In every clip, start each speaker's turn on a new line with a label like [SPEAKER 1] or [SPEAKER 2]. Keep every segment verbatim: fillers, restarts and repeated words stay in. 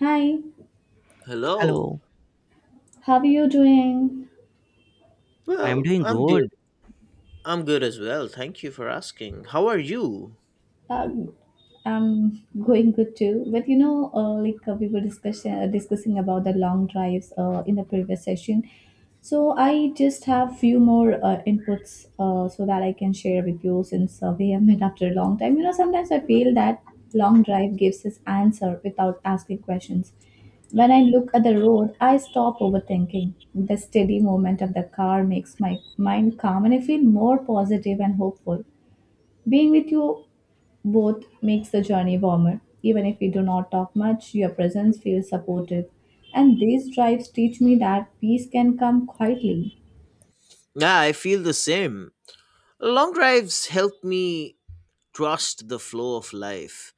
[SPEAKER 1] Hi,
[SPEAKER 2] Hello.
[SPEAKER 3] Hello,
[SPEAKER 1] how are you doing?
[SPEAKER 3] I'm
[SPEAKER 2] Well,
[SPEAKER 3] doing
[SPEAKER 2] I'm good.
[SPEAKER 3] good.
[SPEAKER 2] I'm good as well. Thank you for asking. How are you?
[SPEAKER 1] Uh, I'm going good too. But you know, uh, like uh, we were discussing uh, discussing about the long drives uh, in the previous session. So I just have few more uh, inputs uh, so that I can share with you since uh, we have met after a long time. You know, sometimes I feel that long drive gives us answer without asking questions. When I look at the road, I stop overthinking. The steady movement of the car makes my mind calm and I feel more positive and hopeful. Being with you both makes the journey warmer. Even if we do not talk much, your presence feels supportive. And these drives teach me that peace can come quietly.
[SPEAKER 2] Yeah, I feel the same. Long drives help me trust the flow of life.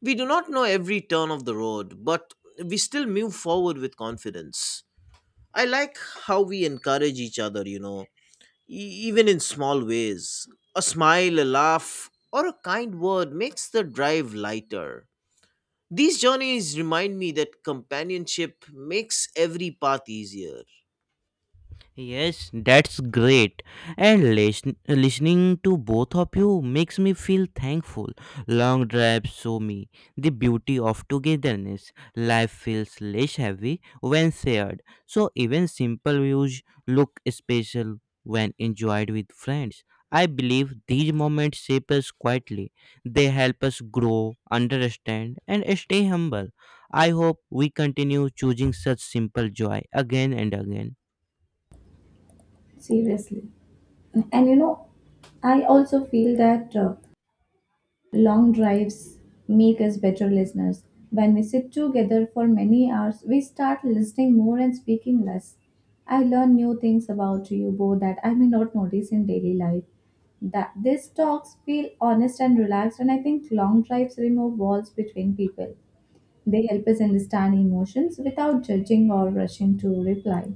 [SPEAKER 2] We do not know every turn of the road, but we still move forward with confidence. I like how we encourage each other, you know, e- even in small ways. A smile, a laugh, or a kind word makes the drive lighter. These journeys remind me that companionship makes every path easier.
[SPEAKER 3] Yes, that's great. And listen, listening to both of you makes me feel thankful. Long drives show me the beauty of togetherness. Life feels less heavy when shared. So even simple views look special when enjoyed with friends. I believe these moments shape us quietly. They help us grow, understand, and stay humble. I hope we continue choosing such simple joy again and again.
[SPEAKER 1] Seriously. And you know, I also feel that uh, long drives make us better listeners. When we sit together for many hours, we start listening more and speaking less. I learn new things about you both that I may not notice in daily life. That these talks feel honest and relaxed, and I think long drives remove walls between people. They help us understand emotions without judging or rushing to reply.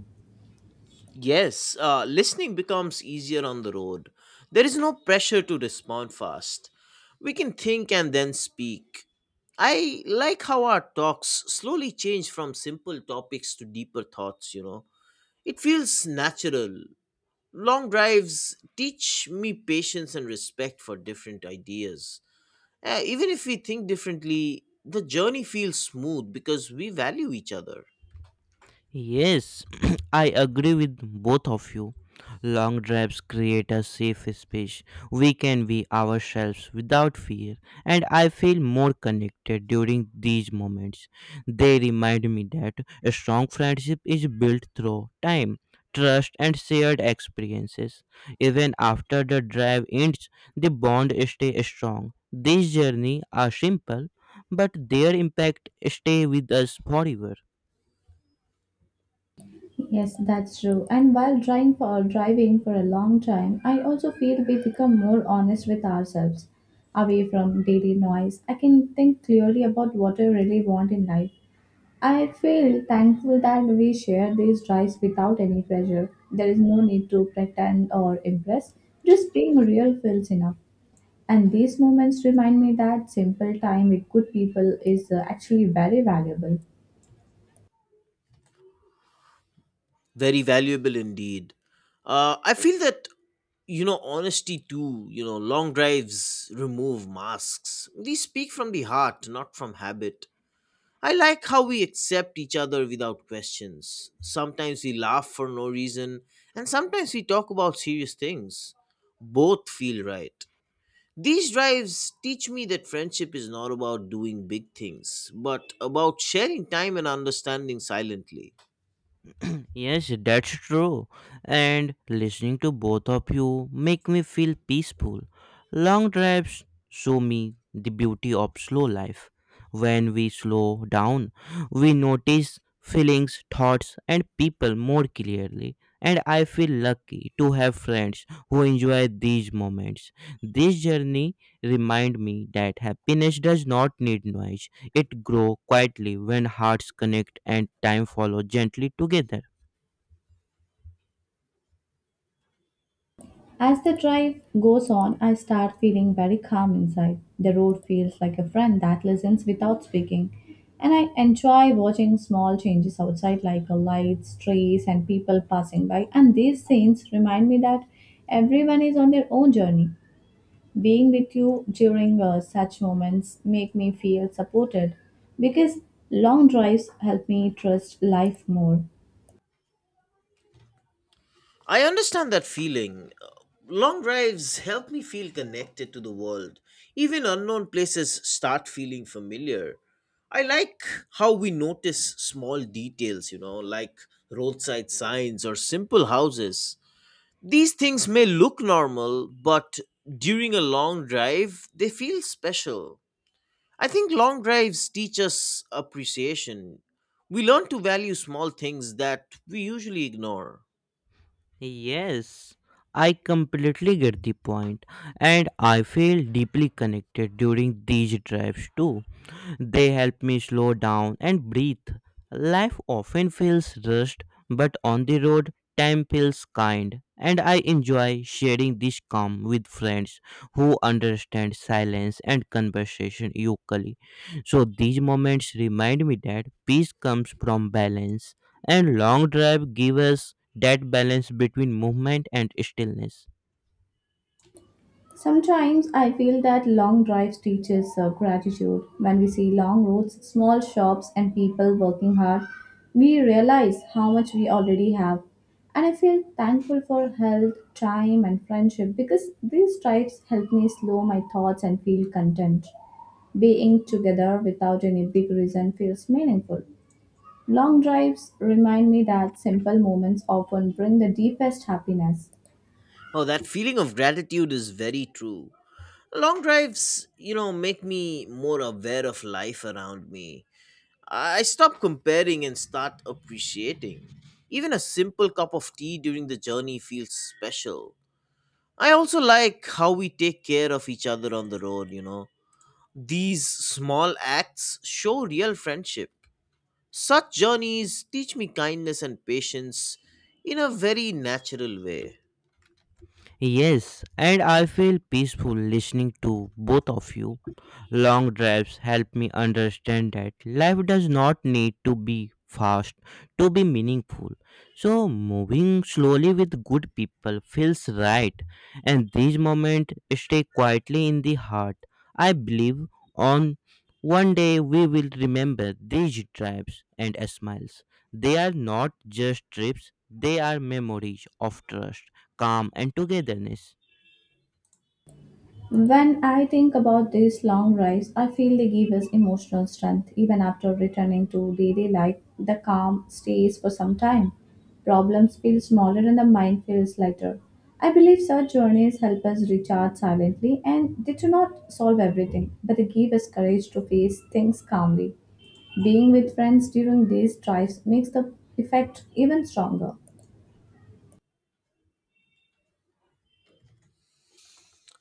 [SPEAKER 2] Yes, uh, listening becomes easier on the road. There is no pressure to respond fast. We can think and then speak. I like how our talks slowly change from simple topics to deeper thoughts, you know. It feels natural. Long drives teach me patience and respect for different ideas. Uh, even if we think differently, the journey feels smooth because we value each other.
[SPEAKER 3] Yes, I agree with both of you. Long drives create a safe space. We can be ourselves without fear, and I feel more connected during these moments. They remind me that a strong friendship is built through time, trust, and shared experiences. Even after the drive ends, the bond stays strong. These journeys are simple, but their impact stay with us forever.
[SPEAKER 1] Yes, that's true. And while driving for driving for a long time, I also feel we become more honest with ourselves, away from daily noise. I can think clearly about what I really want in life. I feel thankful that we share these drives without any pressure. There is no need to pretend or impress. Just being real feels enough. And these moments remind me that simple time with good people is uh, actually very valuable.
[SPEAKER 2] Very valuable indeed. Uh, I feel that, you know, honesty too, you know, long drives remove masks. We speak from the heart, not from habit. I like how we accept each other without questions. Sometimes we laugh for no reason, and sometimes we talk about serious things. Both feel right. These drives teach me that friendship is not about doing big things, but about sharing time and understanding silently.
[SPEAKER 3] Yes, that's true. And listening to both of you make me feel peaceful. Long drives show me the beauty of slow life. When we slow down, we notice feelings, thoughts, and people more clearly. And I feel lucky to have friends who enjoy these moments. This journey remind me that happiness does not need noise. It grows quietly when hearts connect and time follows gently together.
[SPEAKER 1] As the drive goes on, I start feeling very calm inside. The road feels like a friend that listens without speaking, and I enjoy watching small changes outside, like uh, lights, trees, and people passing by. And these scenes remind me that everyone is on their own journey. Being with you during uh, such moments make me feel supported because long drives help me trust life more.
[SPEAKER 2] I understand that feeling. Long drives help me feel connected to the world. Even unknown places start feeling familiar. I like how we notice small details, you know, like roadside signs or simple houses. These things may look normal, but during a long drive, they feel special. I think long drives teach us appreciation. We learn to value small things that we usually ignore.
[SPEAKER 3] Yes, I completely get the point, and I feel deeply connected during these drives too. They help me slow down and breathe. Life often feels rushed, but on the road, time feels kind, and I enjoy sharing this calm with friends who understand silence and conversation equally. So these moments remind me that peace comes from balance, and long drive gives us that balance between movement and stillness.
[SPEAKER 1] Sometimes I feel that long drives teach us uh, gratitude. When we see long roads, small shops, and people working hard, we realize how much we already have. And I feel thankful for health, time, and friendship because these drives help me slow my thoughts and feel content. Being together without any big reason feels meaningful. Long drives remind me that simple moments often bring the deepest happiness.
[SPEAKER 2] Oh, that feeling of gratitude is very true. Long drives, you know, make me more aware of life around me. I stop comparing and start appreciating. Even a simple cup of tea during the journey feels special. I also like how we take care of each other on the road, you know. These small acts show real friendship. Such journeys teach me kindness and patience in a very natural way.
[SPEAKER 3] Yes, and I feel peaceful listening to both of you. Long drives help me understand that life does not need to be fast to be meaningful. So, moving slowly with good people feels right, and these moments stay quietly in the heart. I believe on one day we will remember these drives and smiles. They are not just trips, they are memories of trust calm, and togetherness.
[SPEAKER 1] When I think about these long rides, I feel they give us emotional strength even after returning to daily life. The calm stays for some time. Problems feel smaller and the mind feels lighter. I believe such journeys help us recharge silently and they do not solve everything, but they give us courage to face things calmly. Being with friends during these drives makes the effect even stronger.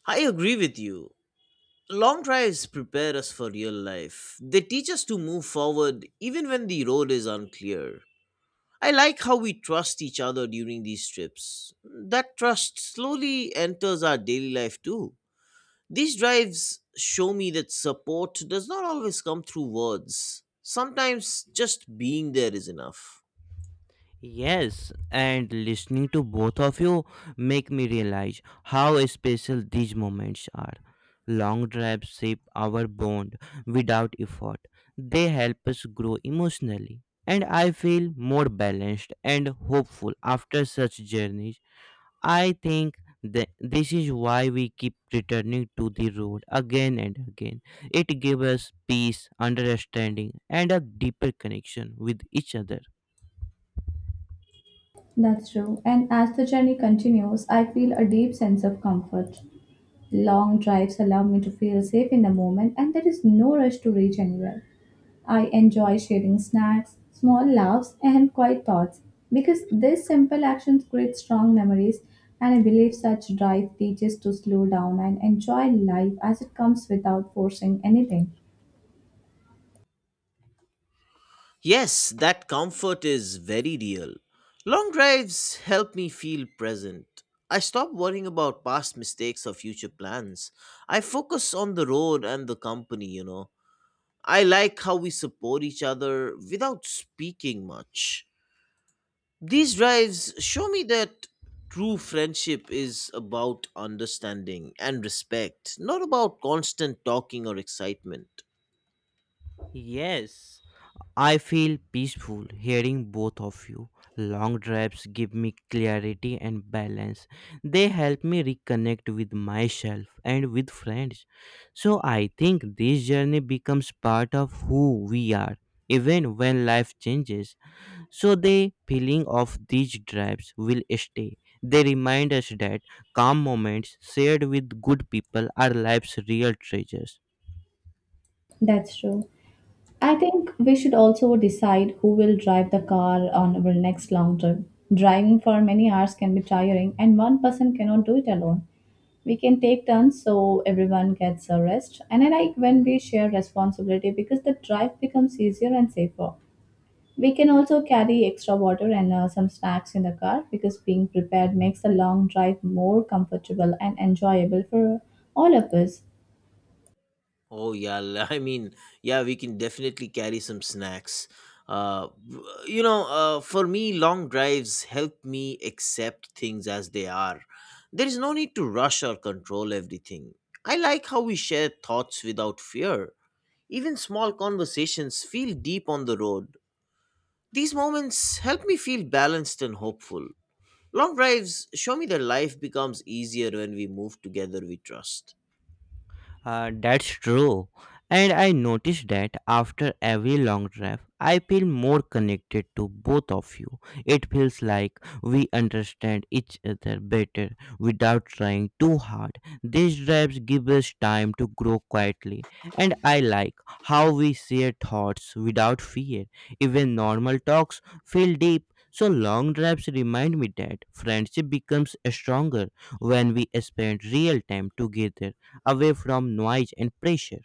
[SPEAKER 2] I agree with you. Long drives prepare us for real life. They teach us to move forward even when the road is unclear. I like how we trust each other during these trips. That trust slowly enters our daily life too. These drives show me that support does not always come through words. Sometimes just being there is enough.
[SPEAKER 3] Yes, and listening to both of you make me realize how special these moments are. Long drives shape our bond without effort. They help us grow emotionally. And I feel more balanced and hopeful after such journeys. I think that this is why we keep returning to the road again and again. It gives us peace, understanding, and a deeper connection with each other.
[SPEAKER 1] That's true. And as the journey continues, I feel a deep sense of comfort. Long drives allow me to feel safe in the moment, and there is no rush to reach anywhere. I enjoy sharing snacks, small laughs, and quiet thoughts because these simple actions create strong memories. And I believe such drive teaches to slow down and enjoy life as it comes without forcing anything.
[SPEAKER 2] Yes, that comfort is very real. Long drives help me feel present. I stop worrying about past mistakes or future plans. I focus on the road and the company, you know. I like how we support each other without speaking much. These drives show me that true friendship is about understanding and respect, not about constant talking or excitement.
[SPEAKER 3] Yes, I feel peaceful hearing both of you. Long drives give me clarity and balance. They help me reconnect with myself and with friends. So I think this journey becomes part of who we are, even when life changes. So the feeling of these drives will stay. They remind us that calm moments shared with good people are life's real treasures.
[SPEAKER 1] That's true. I think we should also decide who will drive the car on our next long trip. Driving for many hours can be tiring, and one person cannot do it alone. We can take turns so everyone gets a rest. And I like when we share responsibility because the drive becomes easier and safer. We can also carry extra water and uh, some snacks in the car because being prepared makes the long drive more comfortable and enjoyable for all of us.
[SPEAKER 2] Oh yeah, l- I mean, yeah, we can definitely carry some snacks. Uh, w- you know, uh, for me, long drives help me accept things as they are. There is no need to rush or control everything. I like how we share thoughts without fear. Even small conversations feel deep on the road. These moments help me feel balanced and hopeful. Long drives show me that life becomes easier when we move together with trust.
[SPEAKER 3] Uh, that's true. And I noticed that after every long drive, I feel more connected to both of you. It feels like we understand each other better without trying too hard. These drives give us time to grow quietly, and I like how we share thoughts without fear. Even normal talks feel deep. So long drives remind me that friendship becomes stronger when we spend real time together away from noise and pressure.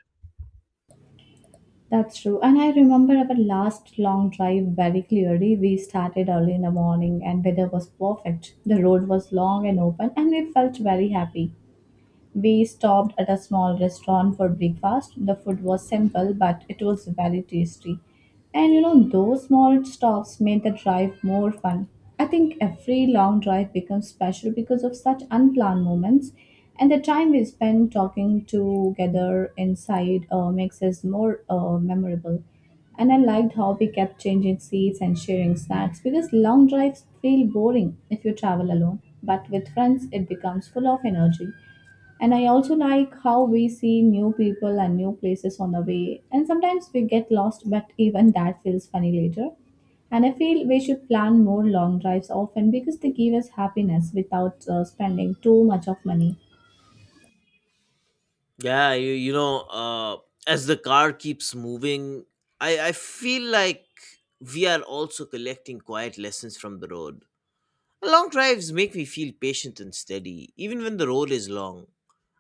[SPEAKER 1] That's true. And I remember our last long drive very clearly. We started early in the morning and weather was perfect. The road was long and open and we felt very happy. We stopped at a small restaurant for breakfast. The food was simple, but it was very tasty. And you know, those small stops made the drive more fun. I think every long drive becomes special because of such unplanned moments, and the time we spend talking together inside uh, makes us more uh, memorable. And I liked how we kept changing seats and sharing snacks because long drives feel boring if you travel alone, but with friends, it becomes full of energy. And I also like how we see new people and new places on the way. And sometimes we get lost, but even that feels funny later. And I feel we should plan more long drives often because they give us happiness without uh, spending too much of money.
[SPEAKER 2] Yeah, you, you know, uh, as the car keeps moving, I, I feel like we are also collecting quiet lessons from the road. Long drives make me feel patient and steady, even when the road is long.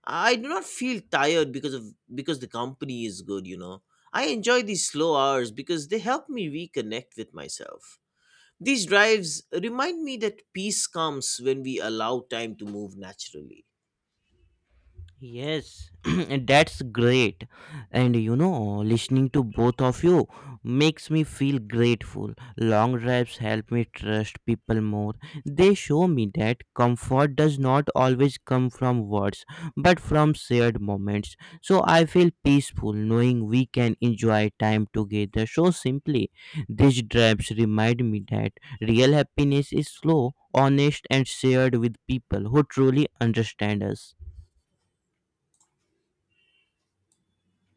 [SPEAKER 2] I do not feel tired because of because the company is good, you know. I enjoy these slow hours because they help me reconnect with myself. These drives remind me that peace comes when we allow time to move naturally.
[SPEAKER 3] Yes, and that's great. And you know, listening to both of you makes me feel grateful. Long drives help me trust people more. They show me that comfort does not always come from words, but from shared moments. So I feel peaceful knowing we can enjoy time together so simply. These drives remind me that real happiness is slow, honest, and shared with people who truly understand us.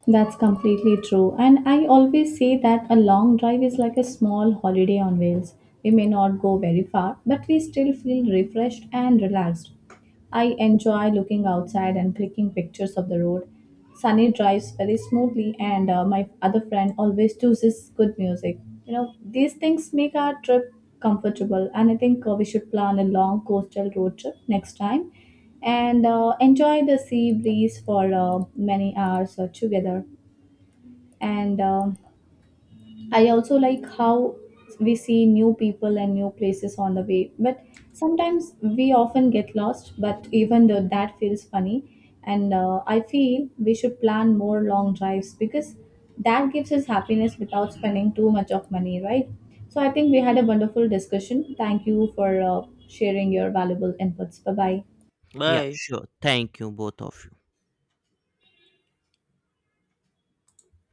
[SPEAKER 1] That's completely true. And I always say that a long drive is like a small holiday on wheels. We may not go very far, but we still feel refreshed and relaxed. I enjoy looking outside and clicking pictures of the road. Sunny drives very smoothly, and uh, my other friend always chooses good music. You know, these things make our trip comfortable, and I think uh, we should plan a long coastal road trip next time and uh, enjoy the sea breeze for uh, many hours uh, together. And uh, I also like how we see new people and new places on the way. But sometimes we often get lost, but even though that feels funny, and uh, I feel we should plan more long drives because that gives us happiness without spending too much of money, right? So I think we had a wonderful discussion. Thank you for uh, sharing your valuable inputs. Bye bye.
[SPEAKER 3] Yeah,
[SPEAKER 2] Bye.
[SPEAKER 3] sure. Thank you, both of you.